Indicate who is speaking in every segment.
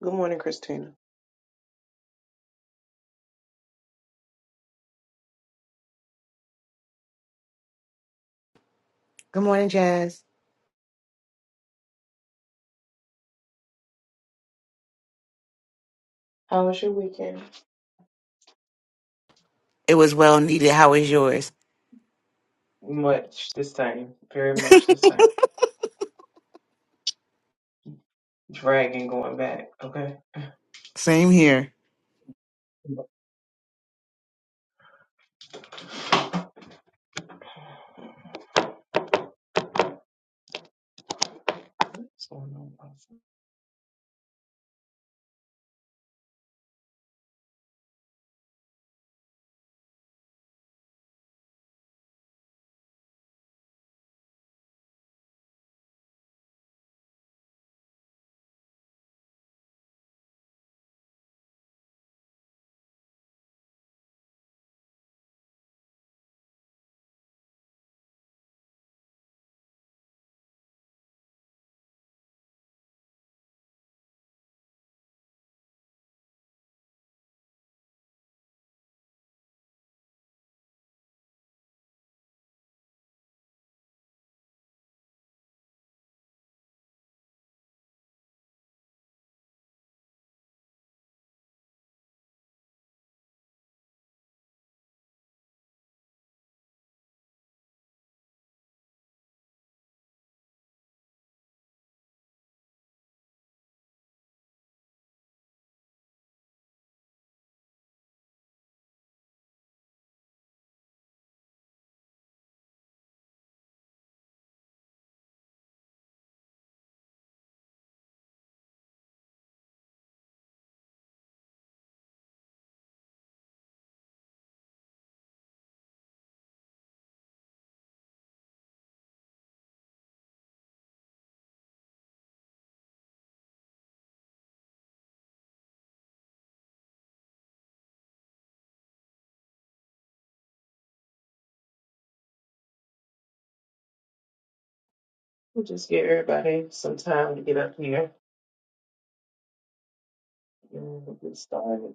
Speaker 1: Good morning, Christina.
Speaker 2: Good morning, Jazz.
Speaker 1: How was your weekend?
Speaker 2: It was well needed. How is yours?
Speaker 1: Much this time, very much this time. Dragging going back. Okay.
Speaker 2: Same here.
Speaker 1: What's going on? We'll just give everybody some time to get up here and we'll get started.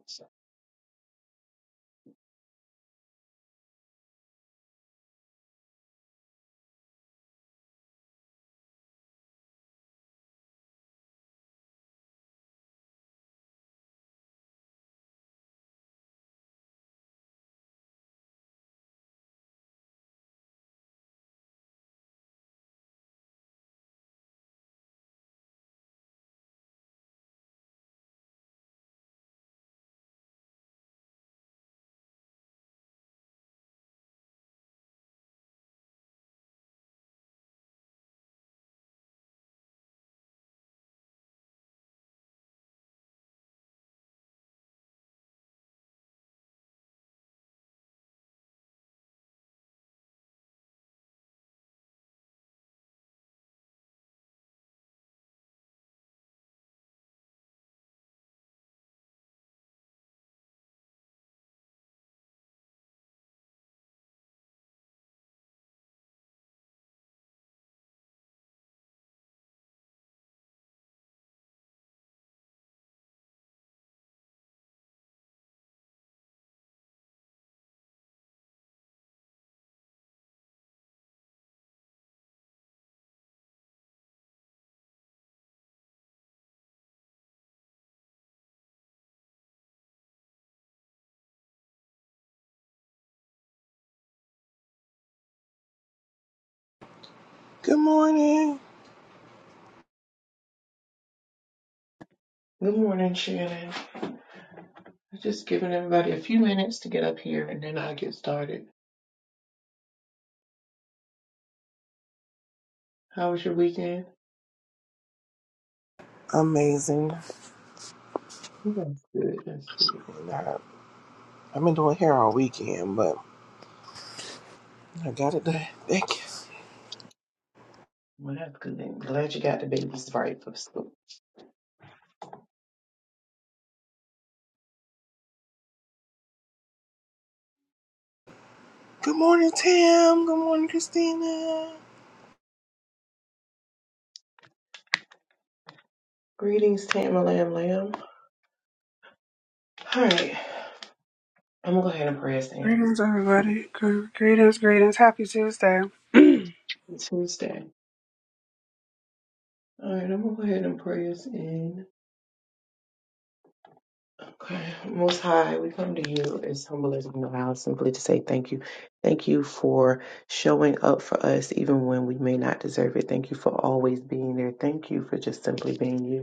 Speaker 3: Good morning.
Speaker 1: Good morning, Shannon. I'm just giving everybody a few minutes to get up here and then I'll get started. How was your weekend?
Speaker 3: Amazing.
Speaker 1: That's good. That's good.
Speaker 3: I- I've been doing hair all weekend, but I got it done. Thank you.
Speaker 1: Well, that's good. I'm glad you got the babies right for school.
Speaker 3: Good morning, Tim. Good morning, Christina.
Speaker 1: Greetings, Tamma Lamb Lamb. All right. I'm going to go ahead and pray us in.
Speaker 4: Greetings, everybody. Gr- Greetings, greetings. Happy Tuesday.
Speaker 1: Tuesday. All right, I'm gonna go ahead and pray us in. Okay, Most High, we come to you as humble as we know how, simply to say thank you. Thank you for showing up for us even when we may not deserve it. Thank you for always being there. Thank you for just simply being you.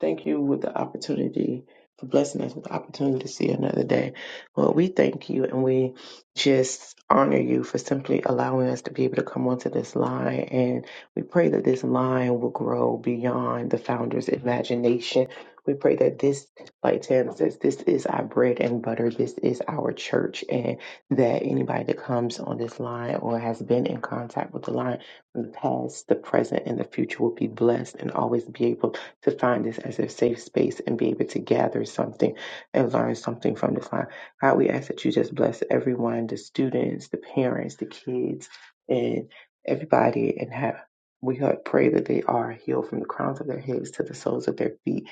Speaker 1: Thank you with the opportunity for blessing us with the opportunity to see another day. Well, we thank you and we just honor you for simply allowing us to be able to come onto this line. And we pray that this line will grow beyond the founder's imagination. We pray that this, like Tam says, this is our bread and butter. This is our church. And that anybody that comes on this line or has been in contact with the line from the past, the present, and the future will be blessed and always be able to find this as a safe space and be able to gather something and learn something from this line. God, we ask that you just bless everyone, the students, the parents, the kids, and everybody, and have we uh, pray that they are healed from the crowns of their heads to the soles of their feet,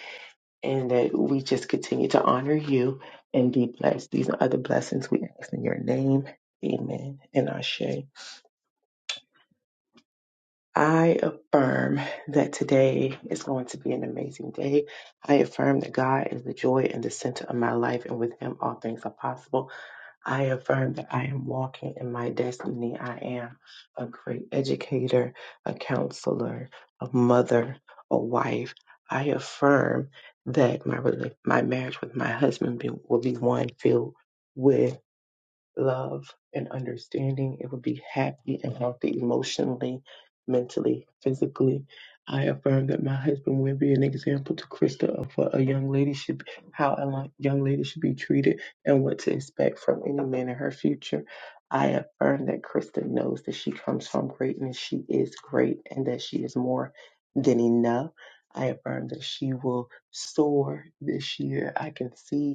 Speaker 1: and that we just continue to honor you and be blessed. These are other blessings we ask in your name. Amen. And Ashe. I affirm that today is going to be an amazing day. I affirm that God is the joy and the center of my life, and with Him, all things are possible. I affirm that I am walking in my destiny. I am a great educator, a counselor, a mother, a wife. I affirm that my rela- my marriage with my husband be, will be one filled with love and understanding. It will be happy and healthy emotionally, mentally, physically. I affirm that my husband will be an example to Krista of what a young lady should, how a li- young lady should be treated, and what to expect from any man in her future. I affirm that Krista knows that she comes from greatness, she is great, and that she is more than enough. I affirm that she will soar this year. I can see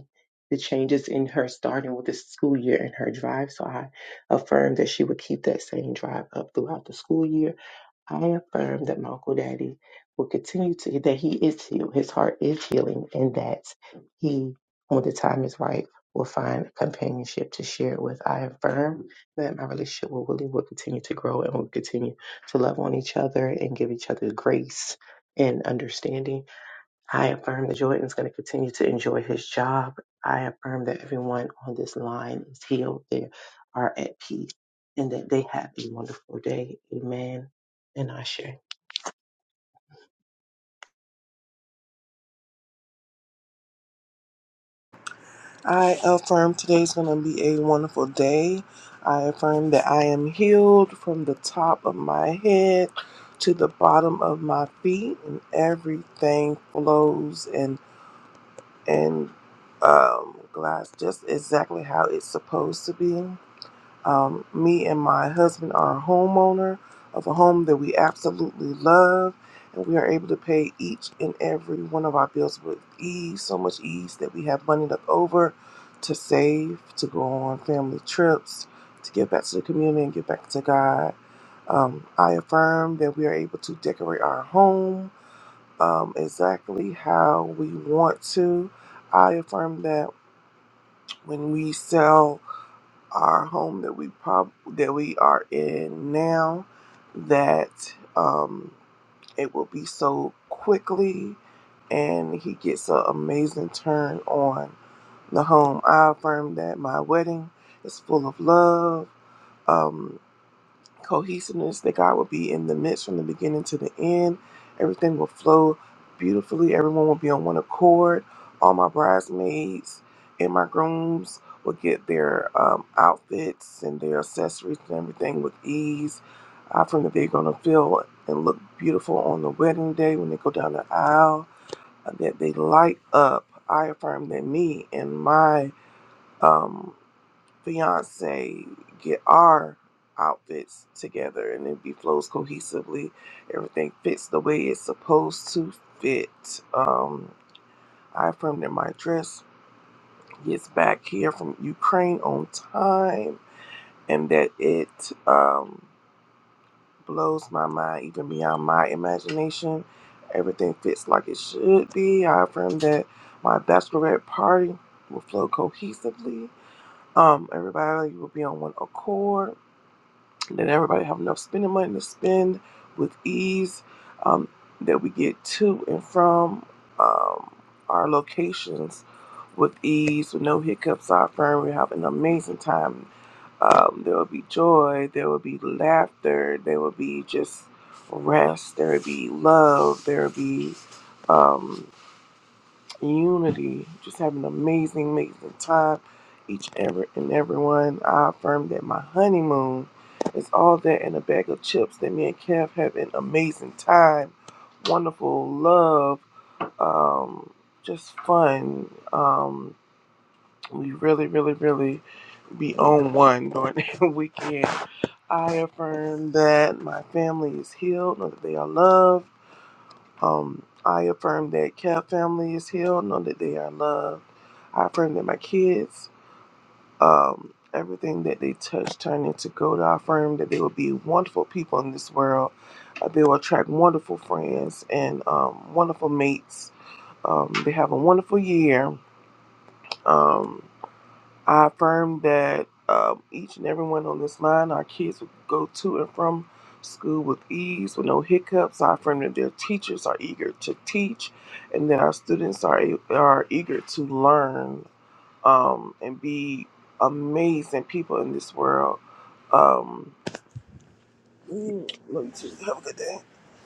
Speaker 1: the changes in her starting with the school year and her drive. So I affirm that she would keep that same drive up throughout the school year. I affirm that my Uncle Daddy will continue to, that he is healed, his heart is healing, and that he, when the time is right, will find companionship to share it with. I affirm that my relationship with Willie will continue to grow and will continue to love on each other and give each other grace and understanding I affirm that Jordan is going to continue to enjoy his job. I affirm that everyone on this line is healed, they are at peace, and that they have a wonderful day. Amen. And Asher.
Speaker 3: I affirm today's going to be a wonderful day. I affirm that I am healed from the top of my head to the bottom of my feet, and everything flows and and um, glass just exactly how it's supposed to be. Um, me and my husband are a homeowner of a home that we absolutely love, and we are able to pay each and every one of our bills with ease, so much ease that we have money left over to save, to go on family trips, to give back to the community and give back to God. Um, I affirm that we are able to decorate our home um, exactly how we want to. I affirm that when we sell our home that we prob- that we are in now that um, it will be sold quickly and he gets an amazing turn on the home. I affirm that my wedding is full of love. Um, cohesiveness that God will be in the midst from the beginning to the end. Everything will flow beautifully. Everyone will be on one accord. All my bridesmaids and my grooms will get their um, outfits and their accessories and everything with ease. I from that they're gonna feel and look beautiful on the wedding day when they go down the aisle. uh, That they light up. I affirm that me and my um, fiance get our outfits together and it be flows cohesively. Everything fits the way it's supposed to fit. Um, I affirmed that my dress gets back here from Ukraine on time and that it um, blows my mind even beyond my imagination. Everything fits like it should be. I affirmed that my bachelorette party will flow cohesively. Um, everybody will be on one accord that everybody have enough spending money to spend with ease, um, that we get to and from um, our locations with ease, with no hiccups. Our firm, we have an amazing time. Um, there will be joy, there will be laughter, there will be just rest, there will be love, there will be. Um, unity, just having an amazing, amazing time. Each and every and everyone. I affirm that my honeymoon is all that and a bag of chips. That me and Kev have an amazing time, wonderful love, um, just fun. Um, we really, really, really be on one during the weekend. I affirm that my family is healed, that they are loved um, I affirm that Cap family is healed, know that they are loved. I affirm that my kids, um, everything that they touch turn into gold. I affirm that they will be wonderful people in this world. Uh, they will attract wonderful friends and um, wonderful mates. Um, they have a wonderful year. Um, I affirm that um, each and everyone on this line, our kids will go to and from school with ease, with no hiccups. I affirm that their teachers are eager to teach and that our students are, are eager to learn um, and be amazing people in this world. Um, mm, let me too. Have a good day.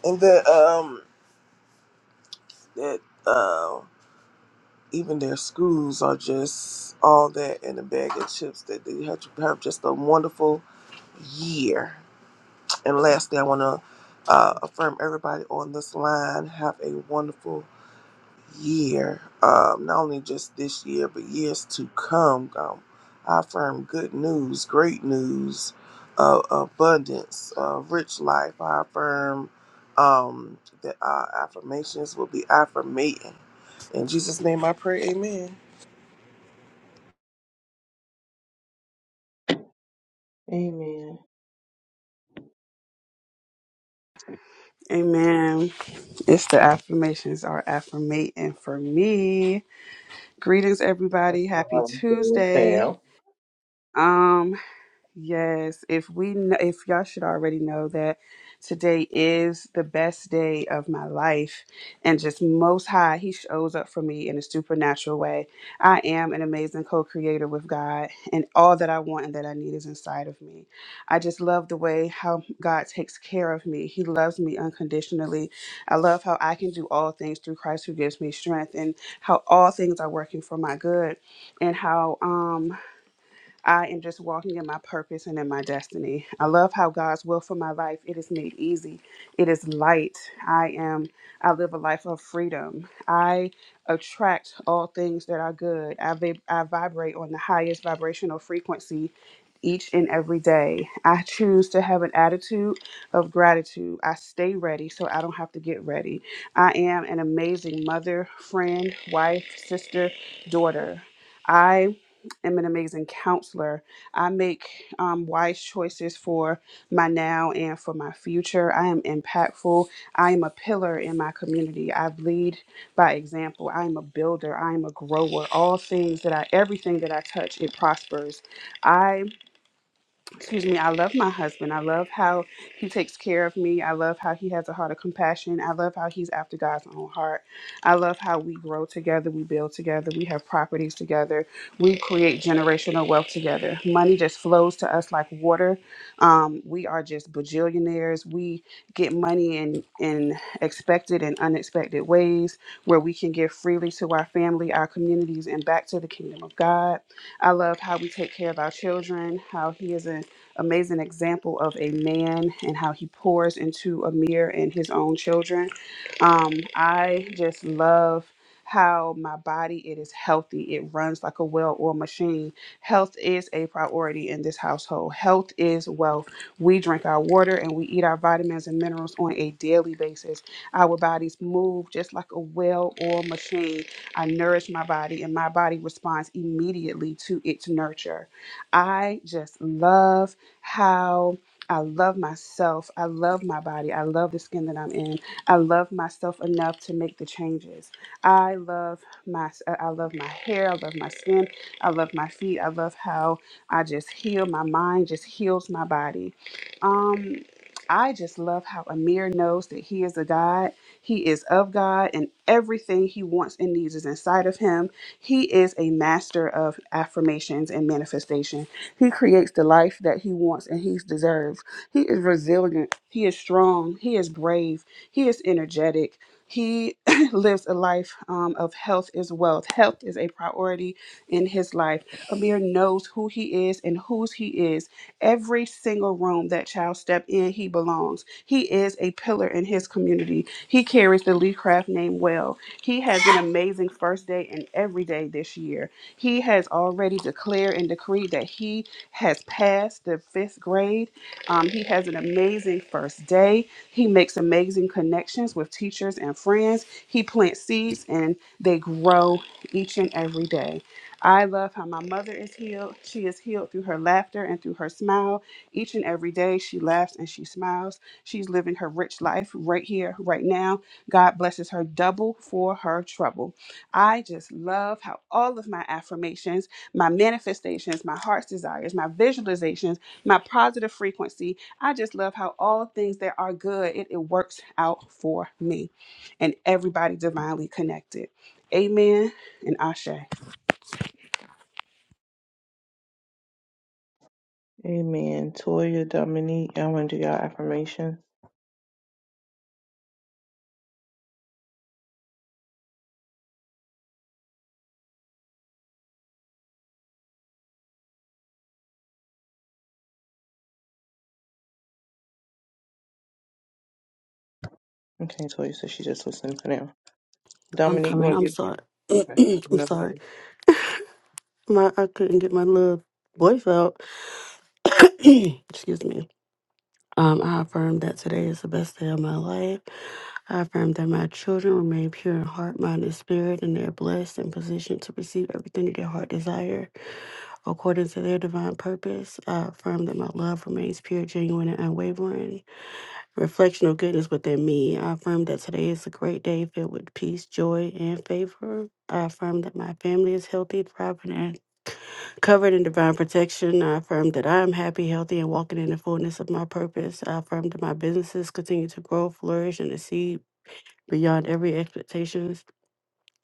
Speaker 3: And that, um, that, um, even their schools are just all that in a bag of chips that they had to have just a wonderful year. And lastly, I want to uh, affirm everybody on this line have a wonderful year. Um, not only just this year, but years to come. Um, I affirm good news, great news, uh, abundance, uh, rich life. I affirm um, that our affirmations will be affirmating. In Jesus' name I pray, amen.
Speaker 1: Amen.
Speaker 4: Amen. It's the affirmations are affirmating for me. Greetings, everybody. Happy
Speaker 1: Wow,
Speaker 4: Tuesday. Um, Yes, if we kn- if y'all should already know that today is the best day of my life and just most high he shows up for me in a supernatural way. I am an amazing co-creator with God and all that I want and that I need is inside of me. I just love the way how God takes care of me. He loves me unconditionally. I love how I can do all things through Christ who gives me strength and how all things are working for my good and how um I am just walking in my purpose and in my destiny. I love how God's will for my life it is made easy. It is light. I am I live a life of freedom. I attract all things that are good. I, vib- I vibrate on the highest vibrational frequency each and every day. I choose to have an attitude of gratitude. I stay ready so I don't have to get ready. I am an amazing mother, friend, wife, sister, daughter. I am an amazing counselor. I make um, wise choices for my now and for my future. I am impactful. I am a pillar in my community. I lead by example. I am a builder. I am a grower. All things that I, everything that I touch, it prospers. I excuse me, I love my husband. I love how he takes care of me. I love how he has a heart of compassion. I love how he's after God's own heart. I love how we grow together, we build together, we have properties together, we create generational wealth together. Money just flows to us like water. Um, we are just bajillionaires. We get money in in expected and unexpected ways where we can give freely to our family, our communities, and back to the kingdom of God. I love how we take care of our children, how he is a amazing example of a man and how he pours into Amir and his own children. Um, I just love how my body it is healthy it runs like a well-oiled machine health is a priority in this household health is wealth we drink our water and we eat our vitamins and minerals on a daily basis our bodies move just like a well-oiled machine i nourish my body and my body responds immediately to its nurture i just love how I love myself. I love my body. I love the skin that I'm in. I love myself enough to make the changes. I love my I love my hair. I love my skin. I love my feet. I love how I just heal my mind, just heals my body. Um I just love how Amir knows that he is a God. He is of God, and everything he wants and needs is inside of him. He is a master of affirmations and manifestation. He creates the life that he wants and he deserves. He is resilient. He is strong. He is brave. He is energetic. He lives a life um, of health is wealth. Health is a priority in his life. Amir knows who he is and whose he is. Every single room that child step in, he belongs. He is a pillar in his community. He carries the Lee Craft name well. He has an amazing first day and every day this year. He has already declared and decreed that he has passed the fifth grade. Um, he has an amazing first day. He makes amazing connections with teachers and friends. He plants seeds and they grow each and every day. I love how my mother is healed. She is healed through her laughter and through her smile. Each and every day, she laughs and she smiles. She's living her rich life right here, right now. God blesses her double for her trouble. I just love how all of my affirmations, my manifestations, my heart's desires, my visualizations, my positive frequency, I just love how all things that are good, it, it works out for me and everybody divinely connected. Amen and Ashe.
Speaker 1: Amen. Toya, Dominique, y'all want to do y'all affirmation? Okay, Toya said she just listened for now.
Speaker 5: I'm
Speaker 1: Dominique, you
Speaker 5: coming.
Speaker 1: want
Speaker 5: I'm
Speaker 1: to do?
Speaker 5: sorry.
Speaker 1: Okay.
Speaker 5: I'm
Speaker 1: No.
Speaker 5: sorry. My I couldn't get my little voice out. Excuse me. Um, I affirm that today is the best day of my life. I affirm that my children remain pure in heart, mind, and spirit, and they are blessed and positioned to receive everything that their heart desire according to their divine purpose. I affirm that my love remains pure, genuine, and unwavering. Reflectional goodness within me. I affirm that today is a great day filled with peace, joy, and favor. I affirm that my family is healthy, thriving, and covered in divine protection. I affirm that I am happy, healthy, and walking in the fullness of my purpose. I affirm that my businesses continue to grow, flourish, and exceed beyond every expectations,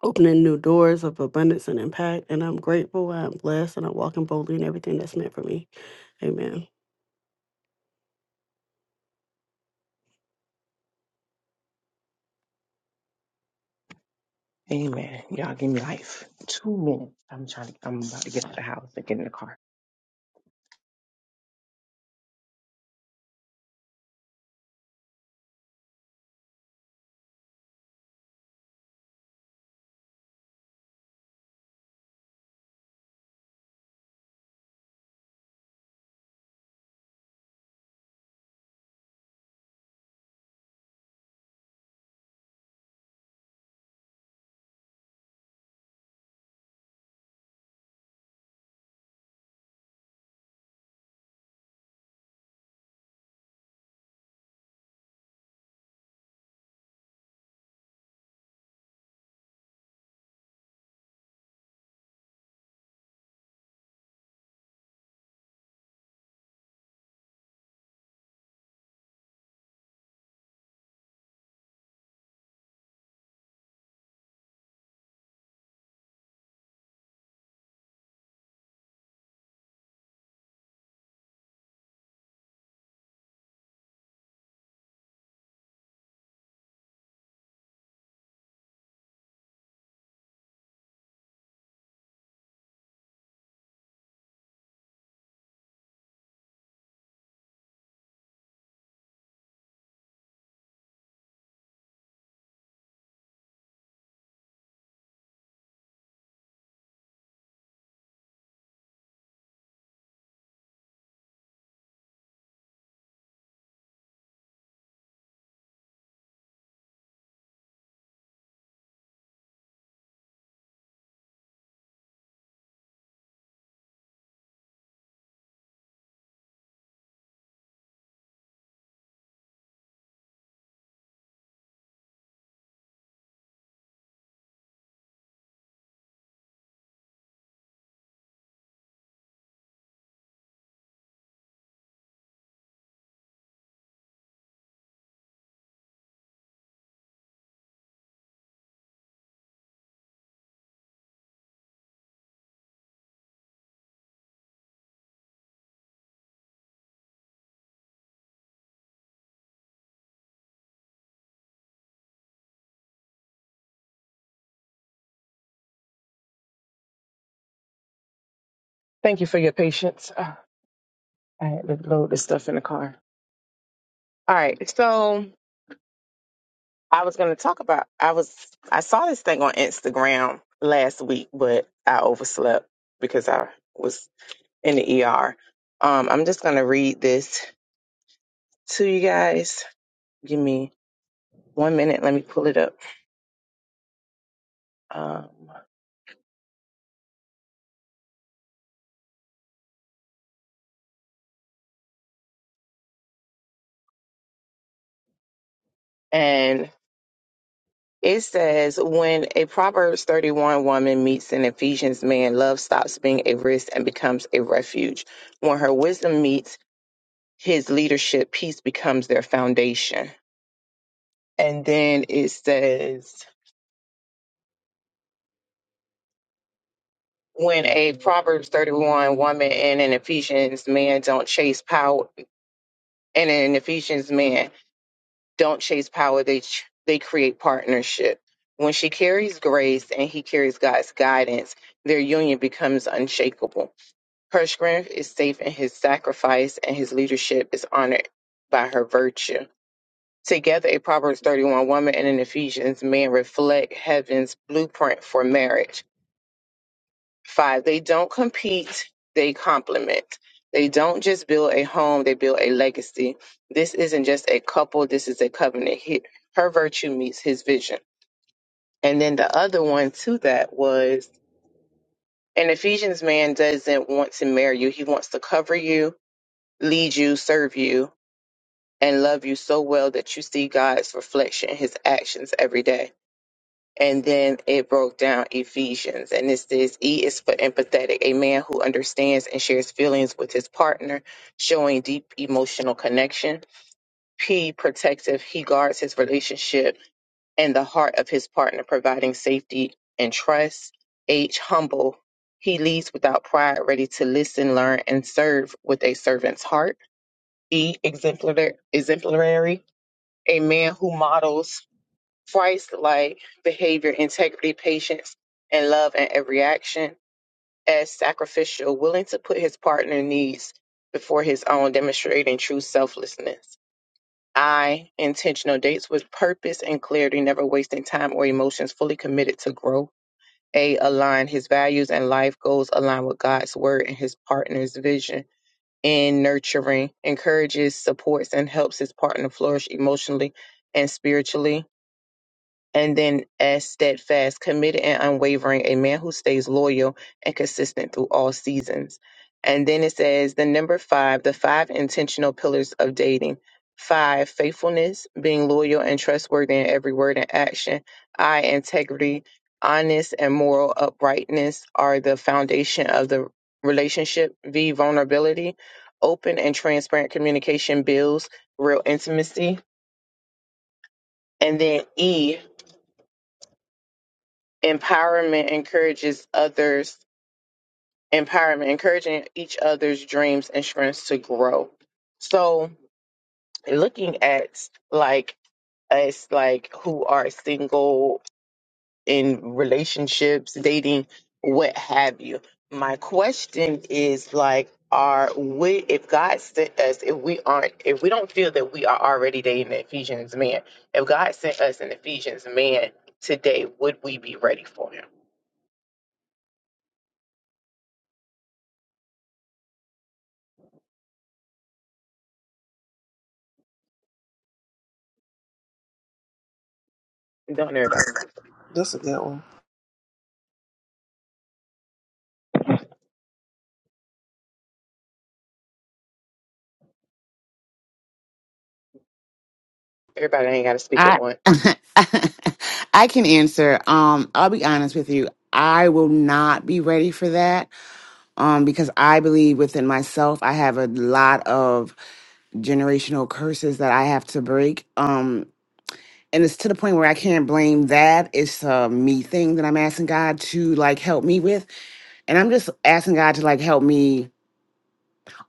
Speaker 5: opening new doors of abundance and impact. And I'm grateful, I'm blessed, and I'm walking boldly in everything that's meant for me. Amen.
Speaker 1: Amen. Y'all give me life. Two minutes. I'm trying to, I'm about to get out of the house and get in the car. Thank you for your patience. Uh, I had to load this stuff in the car. All right. So I was going to talk about, I was, I saw this thing on Instagram last week, but I overslept because I was in the ER. Um, I'm just going to read this to you guys. Give me one minute. Let me pull it up. Um, and it says, when a Proverbs 31 woman meets an Ephesians man, love stops being a risk and becomes a refuge. When her wisdom meets his leadership piece becomes their foundation. And then it says, when a Proverbs 31 woman and an Ephesians man don't chase power, and an Ephesians man don't chase power, they ch- they create partnership. When she carries grace and he carries God's guidance, their union becomes unshakable. Her strength is safe in his sacrifice, and his leadership is honored by her virtue. Together, a Proverbs 31 woman and an Ephesians man reflect heaven's blueprint for marriage. Five, they don't compete, they complement. They don't just build a home, they build a legacy. This isn't just a couple, this is a covenant. He, her virtue meets his vision. And then the other one to that was an Ephesians man doesn't want to marry you, he wants to cover you, lead you, serve you, and love you so well that you see God's reflection in his actions every day and then it broke down Ephesians. And it says E is for empathetic, a man who understands and shares feelings with his partner, showing deep emotional connection. P, protective, he guards his relationship and the heart of his partner, providing safety and trust. H, humble, he leads without pride, ready to listen, learn, and serve with a servant's heart. E, exemplar exemplary, a man who models Christ-like behavior, integrity, patience, and love in every action, as sacrificial, willing to put his partner needs before his own, demonstrating true selflessness. I intentional dates with purpose and clarity, never wasting time or emotions, fully committed to growth. A align his values and life goals align with God's word and his partner's vision. In nurturing, encourages, supports, and helps his partner flourish emotionally and spiritually and then as steadfast, committed and unwavering, a man who stays loyal and consistent through all seasons. And then it says the number five, the five intentional pillars of dating. Five, faithfulness, being loyal and trustworthy in every word and action. I, integrity, honest and moral uprightness are the foundation of the relationship. V, vulnerability, open and transparent communication builds real intimacy. And then E, Empowerment encourages others, empowerment, encouraging each other's dreams and strengths to grow. So looking at like us, like who are single in relationships, dating, what have you. My question is like, are we, if God sent us, if we aren't, if we don't feel that we are already dating an Ephesians man, if God sent us an Ephesians man today, would we be ready for him? Don't everybody speak.
Speaker 3: That's a good one.
Speaker 1: Everybody ain't got to speak at
Speaker 2: I
Speaker 1: once.
Speaker 2: I can answer. Um, I'll be honest with you. I will not be ready for that. Um, because I believe within myself I have a lot of generational curses that I have to break. Um and it's to the point where I can't blame that. It's a me thing that I'm asking God to like help me with. And I'm just asking God to like help me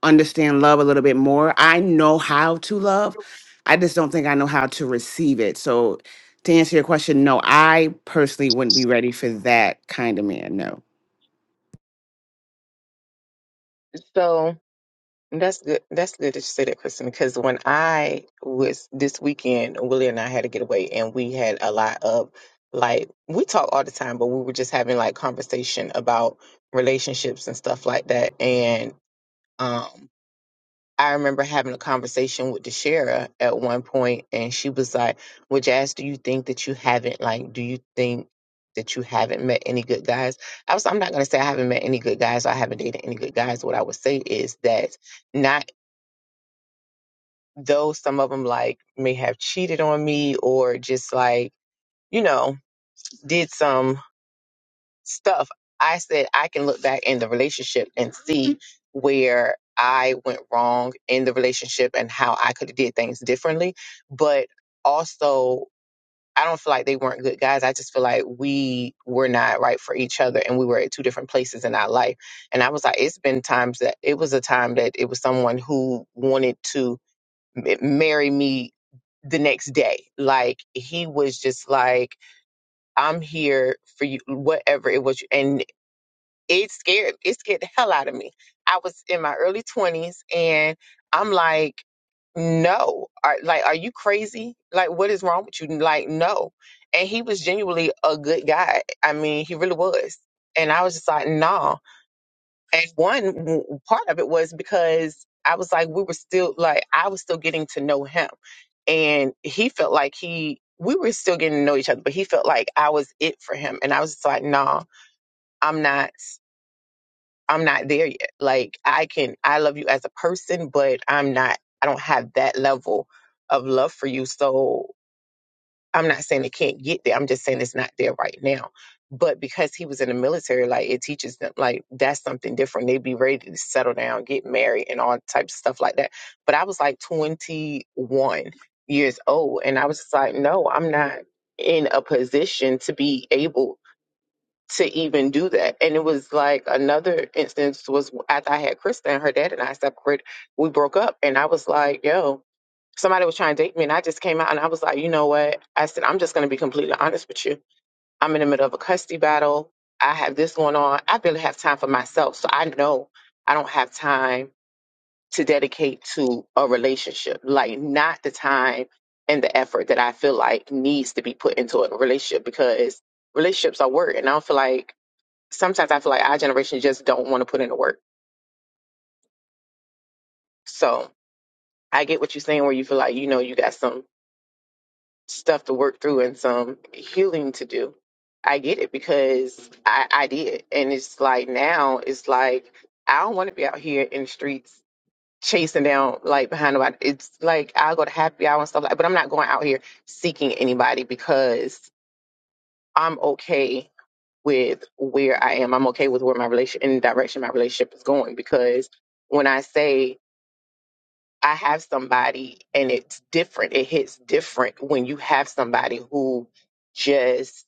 Speaker 2: understand love a little bit more. I know how to love. I just don't think I know how to receive it. So to answer your question, no, I personally wouldn't be ready for that kind of man. No.
Speaker 1: So that's good. That's good that you say that, Kristen, because when I was this weekend, Willie and I had a getaway, and we had a lot of like we talk all the time, but we were just having like conversation about relationships and stuff like that, and um. I remember having a conversation with the sheriff at one point, and she was like, "Well, Jazz, do you think that you haven't like? Do you think that you haven't met any good guys?" I was, I'm not gonna say I haven't met any good guys or I haven't dated any good guys. What I would say is that not though some of them like may have cheated on me or just like you know did some stuff, I said I can look back in the relationship and see where I went wrong in the relationship and how I could have did things differently. But also, I don't feel like they weren't good guys. I just feel like we were not right for each other and we were at two different places in our life. And I was like, it's been times that it was a time that it was someone who wanted to m- marry me the next day. Like he was just like, I'm here for you, whatever it was it scared it scared the hell out of me. I was in my early twenties and I'm like, no, are, like, are you crazy? Like, what is wrong with you? Like, no. And he was genuinely a good guy. I mean, he really was. And I was just like, nah. And one w- part of it was because I was like, we were still like, I was still getting to know him, and he felt like he. We were still getting to know each other, but he felt like I was it for him. And I was just like, nah, I'm not. I'm not there yet. Like I can I love you as a person, but I'm not I don't have that level of love for you. So I'm not saying it can't get there. I'm just saying it's not there right now. But because he was in the military, like it teaches them like that's something different. They'd be ready to settle down, get married and all types of stuff like that. But I was like twenty one years old and I was just like, no, I'm not in a position to be able to even do that. And it was like another instance was after I had Krista and her dad and I separated, we broke up. And I was like, yo, somebody was trying to date me. And I just came out and I was like, you know what? I said, I'm just going to be completely honest with you. I'm in the middle of a custody battle. I have this going on. I barely have time for myself. So I know I don't have time to dedicate to a relationship, like not the time and the effort that I feel like needs to be put into a relationship because relationships are work. And I don't feel like sometimes I feel like our generation just don't want to put in the work. So I get what you're saying, where you feel like you know you got some stuff to work through and some healing to do. I get it because I, I did, and it's like now it's like I don't want to be out here in the streets chasing down like behind nobody. It's like I go to happy hour and stuff like, but I'm not going out here seeking anybody because I'm okay with where I am. I'm okay with where my relation and the direction my relationship is going because when I say I have somebody and it's different. It hits different when you have somebody who just,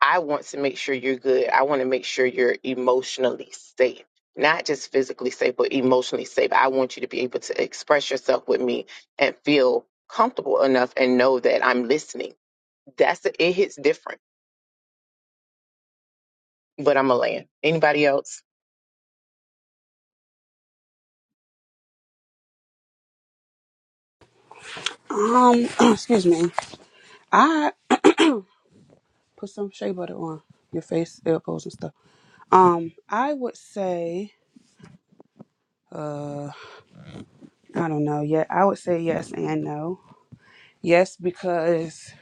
Speaker 1: I want to make sure you're good. I want to make sure you're emotionally safe, not just physically safe, but emotionally safe. I want you to be able to express yourself with me and feel comfortable enough and know that I'm listening. That's it hits different, but I'm a land. Anybody else?
Speaker 4: Um, excuse me. I put some shea butter on your face, elbows, and stuff. Um, I would say, uh, I don't know. Yeah, I would say yes and no. Yes, because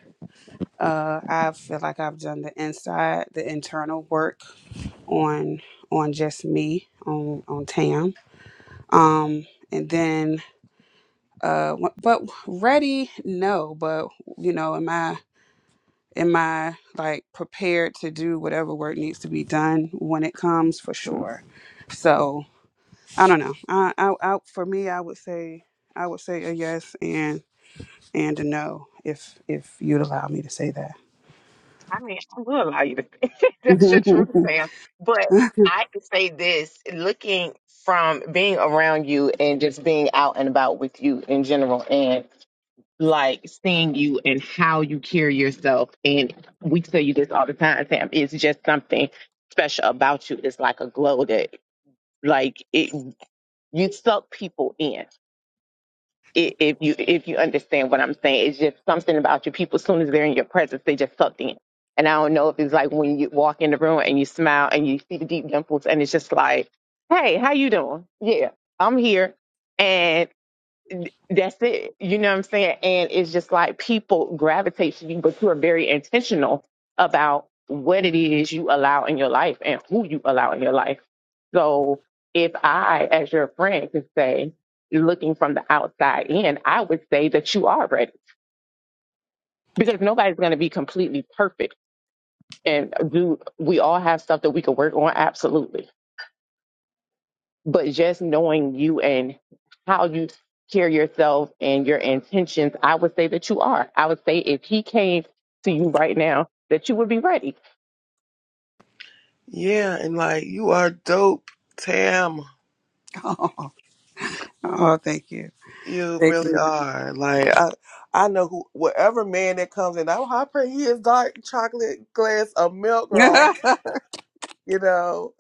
Speaker 4: uh, I feel like I've done the inside, the internal work on on just me, on on Tam. Um, and then, uh, wh- but ready, no. But you know, am I? am I like prepared to do whatever work needs to be done when it comes for sure? So I don't know. I, I, I for me, I would say I would say a yes and and a no if if you'd allow me to say that.
Speaker 1: I mean, I will allow you to think that's your truth, Sam. But I can say this looking from being around you and just being out and about with you in general and like seeing you and how you carry yourself. And we tell you this all the time, Sam, it's just something special about you. It's like a glow that like it you suck people in i- if you if you understand what I'm saying. It's just something about you. People, as soon as they're in your presence, they just sucked in. And I don't know if it's like when you walk in the room and you smile and you see the deep dimples, and it's just like, hey, how you doing? Yeah, I'm here that's it. You know what I'm saying? And it's just like people gravitate to you, but you are very intentional about what it is you allow in your life and who you allow in your life. So if I, as your friend, could say, looking from the outside in, I would say that you are ready because nobody's going to be completely perfect. And do we all have stuff that we can work on? Absolutely but just knowing you and how you carry yourself and your intentions, I would say that you are. I would say if he came to you right now, that you would be ready.
Speaker 3: Yeah, and like you are dope, Tam.
Speaker 4: oh, oh, thank you,
Speaker 3: You
Speaker 4: thank
Speaker 3: really
Speaker 4: you.
Speaker 3: are. Like I, I know who whatever man that comes in. I'm hopping is dark chocolate glass of milk, girl.
Speaker 4: oh,
Speaker 3: You know,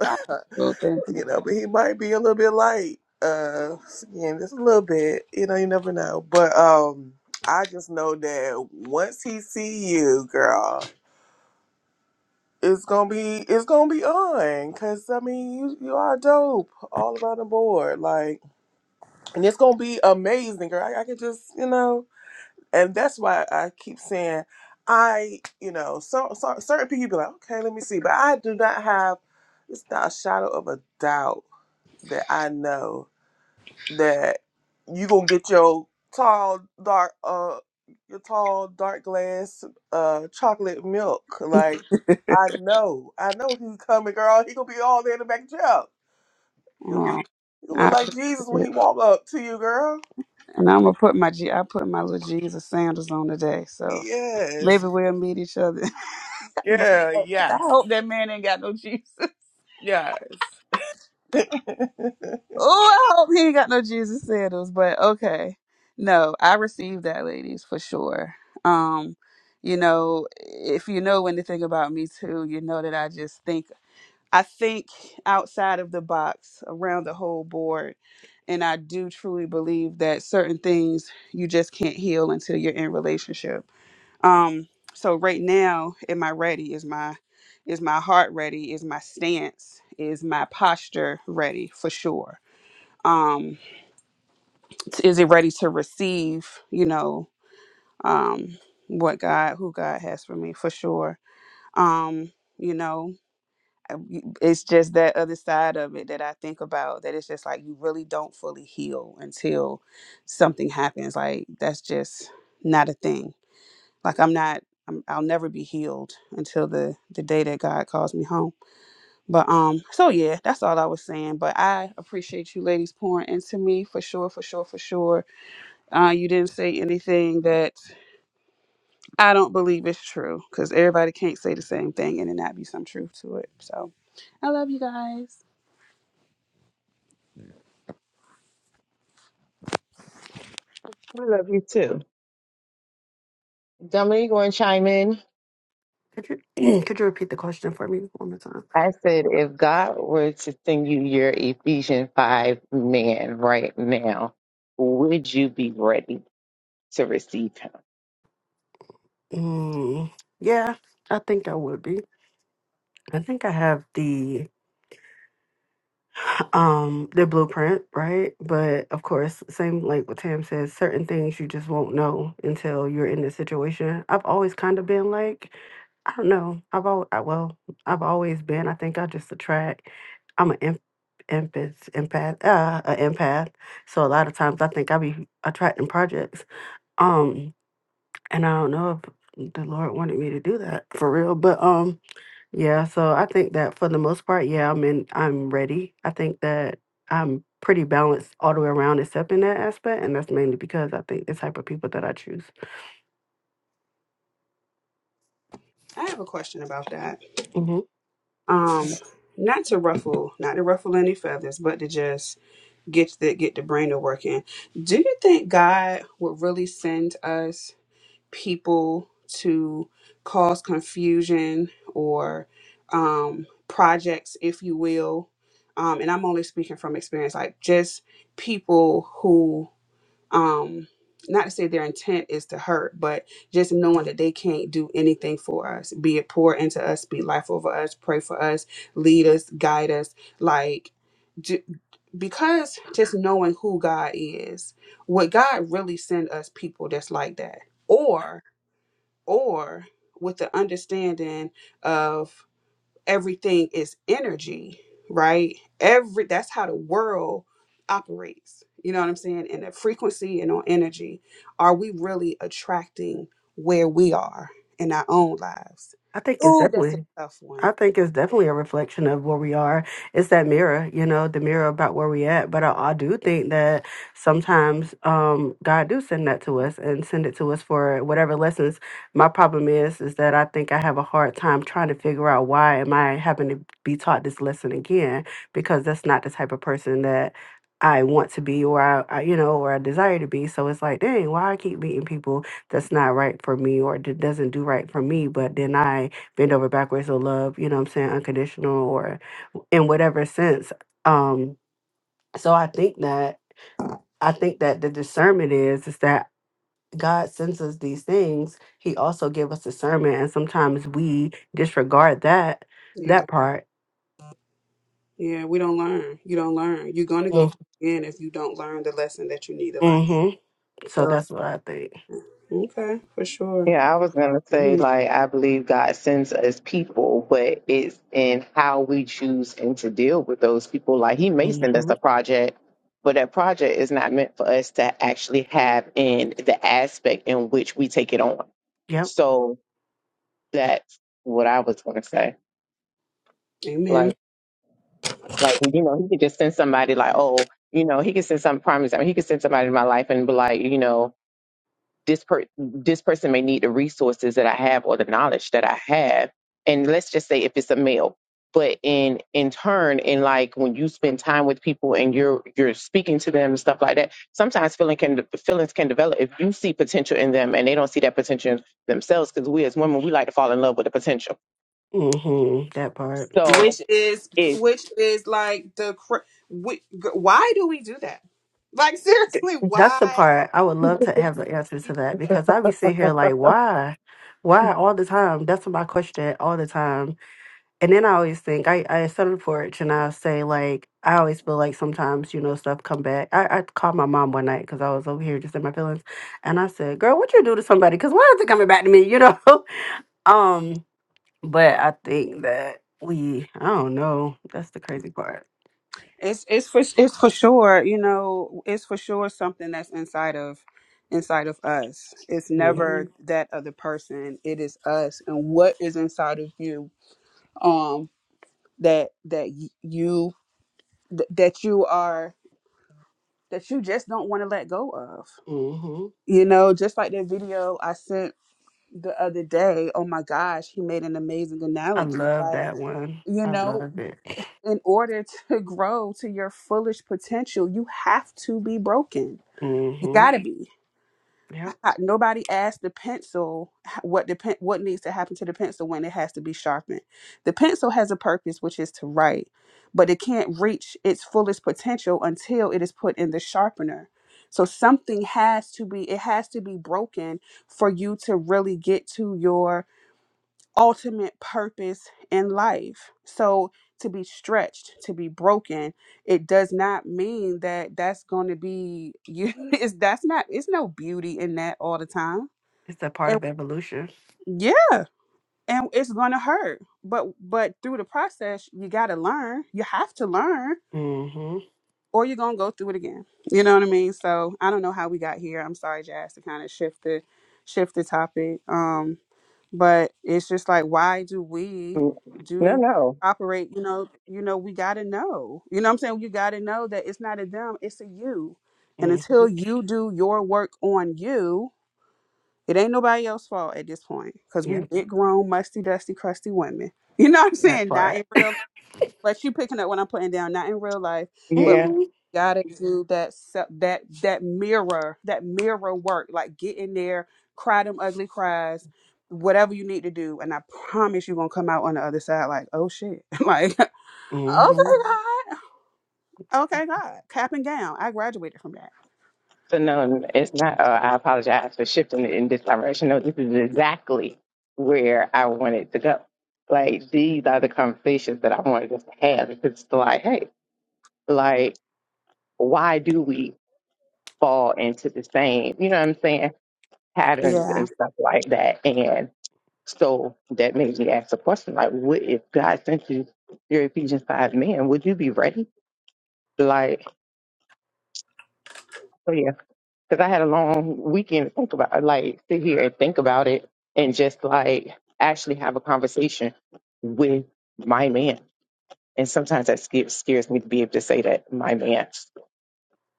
Speaker 4: thank you.
Speaker 3: you know, but he might be a little bit light. Uh, skin just a little bit. You know, you never know. But um, I just know that once he see you, girl, it's gonna be it's gonna be on. Cause I mean, you you are dope all around the board. Like. and it's gonna be amazing, girl. I, I can just, you know, and that's why I keep saying, I, you know, so, so certain people be like, okay, let me see, but I do not have, it's not a shadow of a doubt that I know that you gonna get your tall dark, uh, your tall dark glass, uh, chocolate milk. Like I know, I know he's coming, girl. He gonna be all there in the back jail. You'll be,
Speaker 4: Oh,
Speaker 3: you
Speaker 4: I
Speaker 3: look like
Speaker 4: appreciate
Speaker 3: Jesus when he
Speaker 4: it.
Speaker 3: walk up to you, girl.
Speaker 4: And I'm gonna put my G. I put my little Jesus sandals on today, so. Maybe
Speaker 3: Yes.
Speaker 4: we'll meet each other. Lord,
Speaker 3: Yeah,
Speaker 4: I
Speaker 3: yes.
Speaker 4: hope that man ain't got no Jesus.
Speaker 3: Yes.
Speaker 4: Oh, I hope he ain't got no Jesus sandals. But okay, no, I received that, ladies, for sure. Um, you know, if you know anything about me too, you know that I just think I think outside of the box, around the whole board, and I do truly believe that certain things you just can't heal until you're in relationship Um, so right now, am I ready? Is my is my heart ready? Is my stance? Is my posture ready for sure? Um, t- is it ready to receive? You know, um, what God, who God has for me for sure. Um, you know, I- you- it's just that other side of it that I think about. That it's just like you really don't fully heal until something happens. Like that's just not a thing like i'm not I'm, i'll never be healed until the the day that god calls me home but um so yeah that's all i was saying but i appreciate you ladies pouring into me for sure for sure for sure uh you didn't say anything that i don't believe is true because everybody can't say the same thing and there not be some truth to it so i love you guys
Speaker 1: I love you too. Dominique want to chime in.
Speaker 5: Could you could you repeat the question for me one more time?
Speaker 1: I said, if God were to send you your Ephesians 5 man right now, would you be ready to receive him?
Speaker 5: Mm, yeah, I think I would be. I think I have the um the blueprint, right? But of course, same like what Tam says, certain things you just won't know until you're in the situation. I've always kind of been like, I don't know. I've always, well, I've always been. I think I just attract. I'm an em- empath, empath, uh, an empath. So a lot of times I think I be attracting projects. Um, and I don't know if the Lord wanted me to do that for real, but um Yeah, so I think that for the most part, yeah, I'm in, I'm ready. I think that I'm pretty balanced all the way around, except in that aspect, and that's mainly because I think the type of people that I choose.
Speaker 4: i have a question about that
Speaker 5: hmm
Speaker 4: um not to ruffle not to ruffle any feathers but to just get the get the brain to work in. Do you think God would really send us people to cause confusion or um, projects, if you will? Um, and I'm only speaking from experience, like just people who um not to say their intent is to hurt but just knowing that they can't do anything for us be it pour into us be life over us pray for us lead us guide us like ju- because just knowing who god is would god really send us people that's like that or or with the understanding of everything is energy, right? Every that's how the world operates. You know what I'm saying? And the frequency and on energy, are we really attracting where we are in our own lives?
Speaker 5: I think it's
Speaker 4: Ooh, that's a
Speaker 5: definitely
Speaker 4: tough one.
Speaker 5: I think it's definitely a reflection of where we are. It's that mirror, you know, the mirror about where we at. But I, I do think that sometimes um, God do send that to us and send it to us for whatever lessons. My problem is, is that I think I have a hard time trying to figure out why am I having to be taught this lesson again because that's not the type of person that I want to be or I, I you know, or I desire to be. So it's like, dang, why I keep meeting people that's not right for me or that doesn't do right for me, but then I bend over backwards or love, you know what I'm saying, unconditional or in whatever sense. Um, so I think that I think that the discernment is is that God sends us these things. He also give us discernment, and sometimes we disregard that
Speaker 4: Yeah.
Speaker 5: that part.
Speaker 4: Yeah, we don't learn. You don't learn. You're gonna go
Speaker 5: Mm,
Speaker 4: through it again if you don't learn the lesson that you need to learn.
Speaker 5: Mm-hmm. So
Speaker 4: So
Speaker 5: that's what I think.
Speaker 4: okay, for sure.
Speaker 1: Yeah, I was gonna say
Speaker 4: Amen.
Speaker 1: like I believe God sends us people, but it's in how we choose and to deal with those people. Like He may send us
Speaker 5: Mm-hmm.
Speaker 1: a project, but that project is not meant for us to actually have in the aspect in which we take it on.
Speaker 5: Yep.
Speaker 1: So that's what I was gonna say.
Speaker 4: Amen.
Speaker 1: Like, like well, you know, He could just send somebody like, oh, you know, He could send some promise. I mean, He could send somebody in my life and be like, you know. this per- this person may need the resources that I have or the knowledge that I have. And let's just say if it's a male, but in in turn, in like when you spend time with people and you're you're speaking to them and stuff like that, sometimes feeling can feelings can develop if you see potential in them and they don't see that potential in themselves. Because we as women, we like to fall in love with the potential.
Speaker 5: Mm-hmm. That part.
Speaker 1: So
Speaker 4: which is
Speaker 1: if
Speaker 4: which is like the cr- wh- why do we do that like seriously
Speaker 5: That's the
Speaker 4: why
Speaker 5: part I would love to
Speaker 4: do
Speaker 5: have the answer to
Speaker 4: we
Speaker 5: that
Speaker 4: do that
Speaker 5: because I be sitting here like, why, why all the time? That's my question all the time and then I always think I, I settled for it, and I say like I always feel like sometimes you know stuff come back. I, I called my mom one night because I was over here just in my feelings, and I said, "Girl, what you do to somebody? Because why is it coming back to me?" You know. um, but I think that we I don't know. That's the crazy part.
Speaker 4: it's it's for it's for sure you know it's for sure something that's inside of inside of us it's
Speaker 5: hmm
Speaker 4: never that other person it is us and what is inside of you um that that y- you th- that you are that you just don't want to let go of
Speaker 5: hmm
Speaker 4: you know just like that video i sent the other day, oh my gosh, he made an amazing
Speaker 5: I
Speaker 4: analogy.
Speaker 5: love
Speaker 4: Like,
Speaker 5: that one.
Speaker 4: you
Speaker 5: I
Speaker 4: know,
Speaker 5: love it.
Speaker 4: in order to grow to your fullest potential, you have to be broken. You
Speaker 5: hmm
Speaker 4: gotta be.
Speaker 5: Yep.
Speaker 4: Ha- Nobody asked the pencil h- what the pen, what needs to happen to the pencil when it has to be sharpened. The pencil has a purpose, which is to write, but it can't reach its fullest potential until it is put in the sharpener. So something has to be. It has to be broken for you to really get to your ultimate purpose in life. So to be stretched, to be broken, it does not mean that that's going to be you. It's that's not. It's no beauty in that all the time.
Speaker 5: It's a part
Speaker 4: And
Speaker 5: of evolution.
Speaker 4: yeah, and it's going to hurt. But but through the process, you got to learn. You have to learn,
Speaker 5: hmm
Speaker 4: or you're going to go through it again. You know what I mean? So I don't know how we got here. I'm sorry, Jazz, to kind of shift the shift the topic. Um, but it's just like why do we
Speaker 1: no,
Speaker 4: do
Speaker 1: no,
Speaker 4: operate you know you know we got to know you know what i'm saying you got to know that it's not a them it's a you and
Speaker 5: hmm
Speaker 4: until you do your work on you it ain't nobody else's fault at this point because we
Speaker 5: Yep.
Speaker 4: big grown musty dusty crusty women you know what i'm
Speaker 5: That
Speaker 4: saying not
Speaker 5: part.
Speaker 4: in real but you picking up what I'm putting down, not in real life, but
Speaker 1: yeah.
Speaker 4: we
Speaker 5: hmm
Speaker 4: gotta do that se- that that mirror that mirror work, like get in there, cry them ugly cries, whatever you need to do, and I promise you gonna come out on the other side like, oh shit, like okay
Speaker 5: hmm
Speaker 4: God, okay God, cap and gown. I graduated from that.
Speaker 1: So no, it's not. Uh, I apologize for shifting it in this direction. No, this is exactly where I wanted to go. Like these are the conversations that I wanted us to have. Because it's like, hey, like why do we fall into the same, you know what I'm saying, patterns
Speaker 4: Yeah,
Speaker 1: and stuff like that? And so that made me ask the question, like, what if God sent you your Ephesians five man? Would you be ready? Like, so, yeah. because I had a long weekend to think about, like sit here and think about it, and just like actually have a conversation with my man. And sometimes that scares, scares me to be able to say that my man,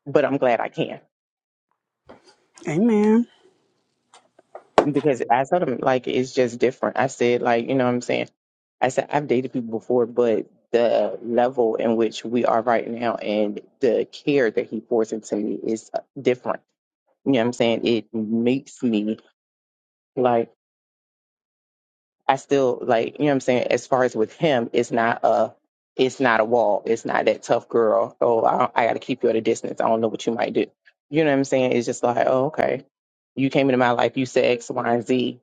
Speaker 1: but I'm glad I can
Speaker 4: Amen.
Speaker 1: because I told him like it's just different. I said like you know what I'm saying. I said I've dated people before, but the level in which we are right now and the care that he pours into me is uh, different. You know what I'm saying? It makes me like. I still like, you know what I'm saying, as far as with him, it's not a it's not a wall. It's not that tough girl. Oh, I, don't- I got to keep you at a distance. I don't know what you might do. You know what I'm saying? It's just like, oh, okay. You came into my life. You said X, Y, and Z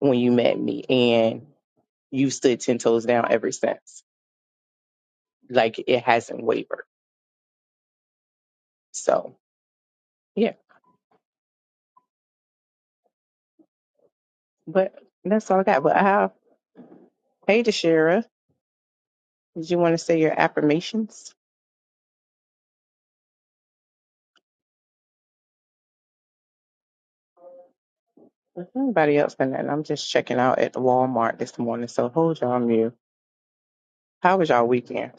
Speaker 1: when you met me, and you stood ten toes down ever since. Like it hasn't wavered. So yeah, but that's all I got. But I have, hey, Deshira, did you want to say your affirmations? If Anybody else? And I'm just checking out at Walmart this morning. So hold y'all your mute. How was y'all weekend?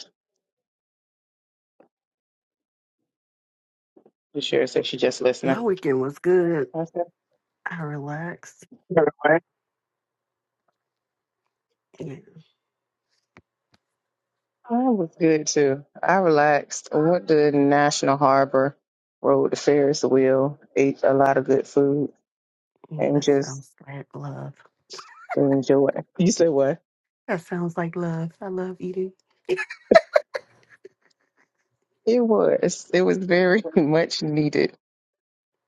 Speaker 1: The sheriff said she just listening.
Speaker 5: My weekend was good.
Speaker 1: I said,
Speaker 5: I relaxed.
Speaker 1: "All right."
Speaker 5: Yeah,
Speaker 1: I was good too. I relaxed. I went to National Harbor, rode the Ferris wheel, ate a lot of good food,
Speaker 5: mm,
Speaker 1: and
Speaker 5: that
Speaker 1: just
Speaker 5: sounds like love.
Speaker 1: enjoyed. You said what?
Speaker 5: That sounds like love. I love eating.
Speaker 1: It was. It was very much needed.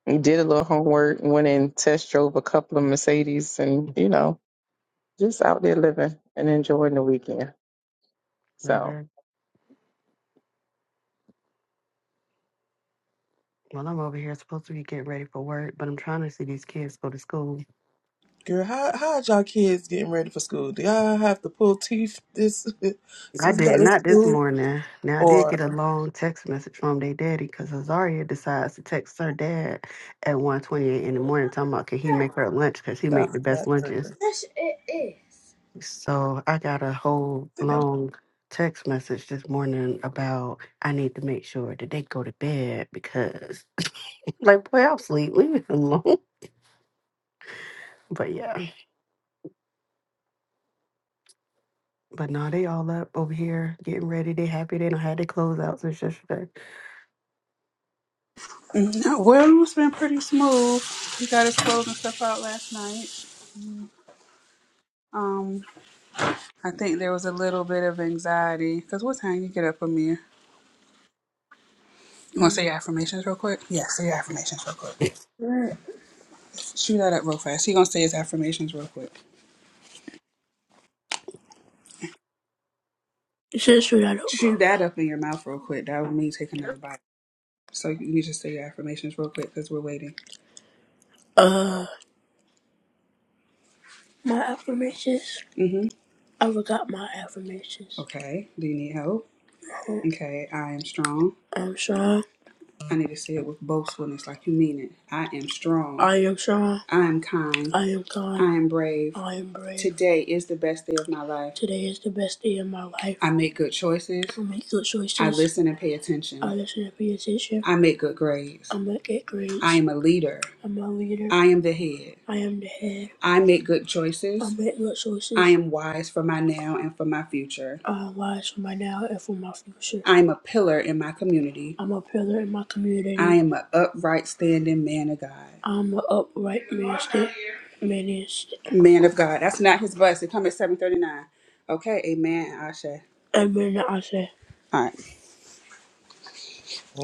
Speaker 1: We did a little homework, went and test drove a couple of Mercedes, and you know, just out there living and enjoying the weekend.
Speaker 5: Love
Speaker 1: So
Speaker 5: it. Well, I'm over here supposed to be getting ready for work, but I'm trying to see these kids go to school.
Speaker 3: Girl, how how are y'all kids getting ready for school? Do y'all have to pull teeth this
Speaker 5: I
Speaker 3: since back
Speaker 5: did
Speaker 3: to
Speaker 5: not this
Speaker 3: school?
Speaker 5: morning. Now I did get a
Speaker 3: Or
Speaker 5: long text message from their daddy because Azaria decides to text her dad at 1:28 in the morning, talking about can he make her lunch because he make
Speaker 3: y'all
Speaker 5: the best
Speaker 3: not ready?
Speaker 5: lunches.
Speaker 3: Yes, it is.
Speaker 5: So I got a whole
Speaker 3: Sit down.
Speaker 5: long text message this morning about I need to make sure that they go to bed because like boy I'll sleep, leave me alone. But yeah. But no, they all up over here getting ready. They happy they don't have their clothes out since yesterday.
Speaker 4: Mhm. Well, it's been pretty smooth. We got his clothes and stuff out last night. Um, I think there was a little bit of anxiety because what time you get up, Amir? You want to say your affirmations real quick? Yeah, say your affirmations real quick. Shoot that up real fast. He gonna say his affirmations real quick. You should shoot that up. Shoot that up in your mouth real quick. That would mean take another bite. So you need to say your affirmations real quick because we're waiting. Uh, my affirmations. hmm I forgot my affirmations. Okay. Do you need help? Um, Okay. I am strong. I'm strong. I need to say it with boastfulness, like you mean it. I am strong. I am strong. I am kind. I am kind. I am brave. I am brave. Today is the best day of my life. Today is the best day of my life. I make good choices. I make good choices. I listen and pay attention. I listen and pay attention. I make good grades. I make good grades. I am a leader leader. I'm a leader. I am the head. I am the head. I make good choices. I make good choices. I am wise for my now and for my future. I am wise for my now and for my future. I am a pillar in my community. I'm a pillar in my community. I am an upright standing man of God. I'm an upright man. sta- Man is. Man of God. That's not his bus. It comes at 739. Okay, amen, Asha. Amen. I All right.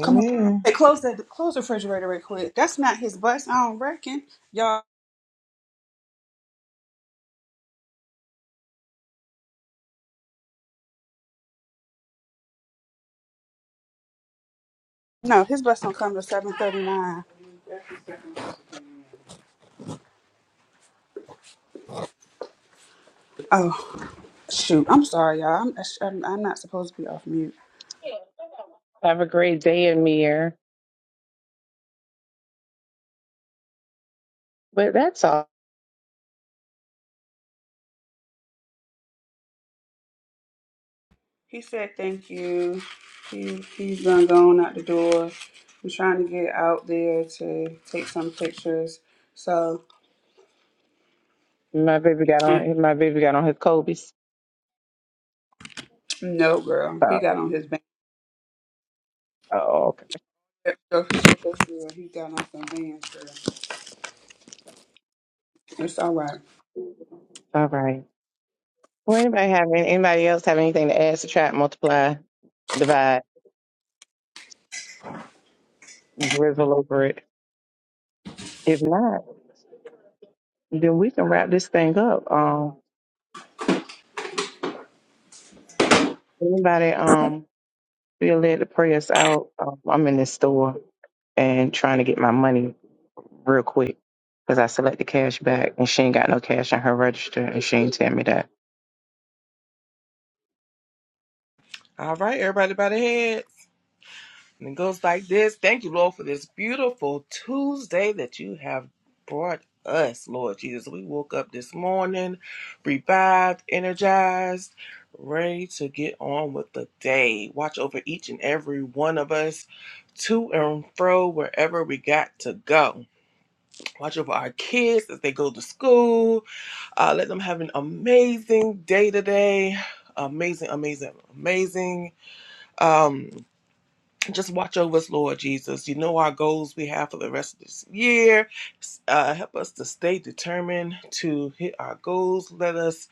Speaker 4: Come on. Hey, close that close the refrigerator real quick. That's not his bus, I don't reckon. Y'all no, his bus don't come to seven thirty nine. Oh shoot. I'm sorry, y'all. I'm, I'm I'm not supposed to be off mute.
Speaker 1: Have a great day, Amir. But that's all.
Speaker 4: He said thank you. He he's done gone out the door. I'm trying to get out there to take some pictures. So
Speaker 1: My baby got on. My baby got on his Kobe's.
Speaker 4: no girl. He
Speaker 1: Oh,
Speaker 4: got on his band.
Speaker 1: oh, okay.
Speaker 4: He got on some bands, girl. It's all right.
Speaker 1: All right. Well, anybody have any- anybody else have anything to add, subtract, multiply, divide, drizzle over it? If not, then we can wrap this thing up. Um, anybody? Um, feel led to pray us out. Um, I'm in this store and trying to get my money real quick because I select the cash back and she ain't got no cash on her register and she ain't tell me that.
Speaker 3: All right, everybody by the head. And it goes like this Thank you, Lord, for this beautiful Tuesday that you have brought us, Lord Jesus. We woke up this morning, revived, energized, ready to get on with the day. Watch over each and every one of us to and fro wherever we got to go. Watch over our kids as they go to school. Uh, let them have an amazing day today. Amazing, amazing, amazing. Um, just watch over us, Lord Jesus. You know our goals we have for the rest of this year. Uh, help us to stay determined to hit our goals. Let us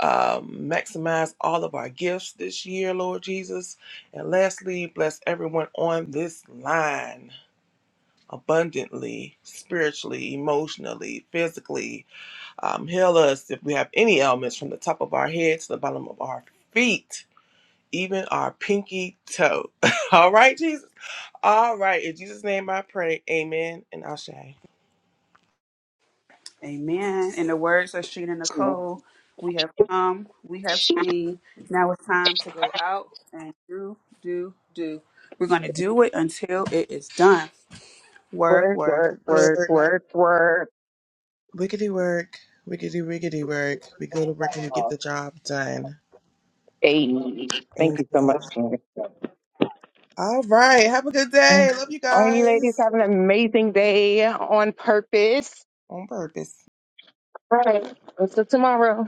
Speaker 3: um, maximize all of our gifts this year, Lord Jesus. And lastly, bless everyone on this line abundantly, spiritually, emotionally, physically. Um, heal us if we have any ailments from the top of our head to the bottom of our feet, even our pinky toe. all right, Jesus? All right. In Jesus' name I pray. Amen. And Ashe.
Speaker 4: Amen. In the words of Sheena Nicole, we have come, we have seen. Now it's time to go out and do, do, do. We're going to do it until it is done. Work,
Speaker 1: Word,
Speaker 4: work.
Speaker 1: word, word,
Speaker 4: work.
Speaker 3: Work.
Speaker 1: word, word.
Speaker 3: Wiggity work. Wiggity wiggity work. We go to work and we get the job done.
Speaker 1: Hey, thank you so
Speaker 3: Amen.
Speaker 1: much, Jen.
Speaker 3: All right. Have a good
Speaker 1: All
Speaker 3: day. Love you
Speaker 1: right, you ladies
Speaker 3: guys.
Speaker 1: have an amazing day on purpose.
Speaker 3: On purpose.
Speaker 1: All right. Until tomorrow.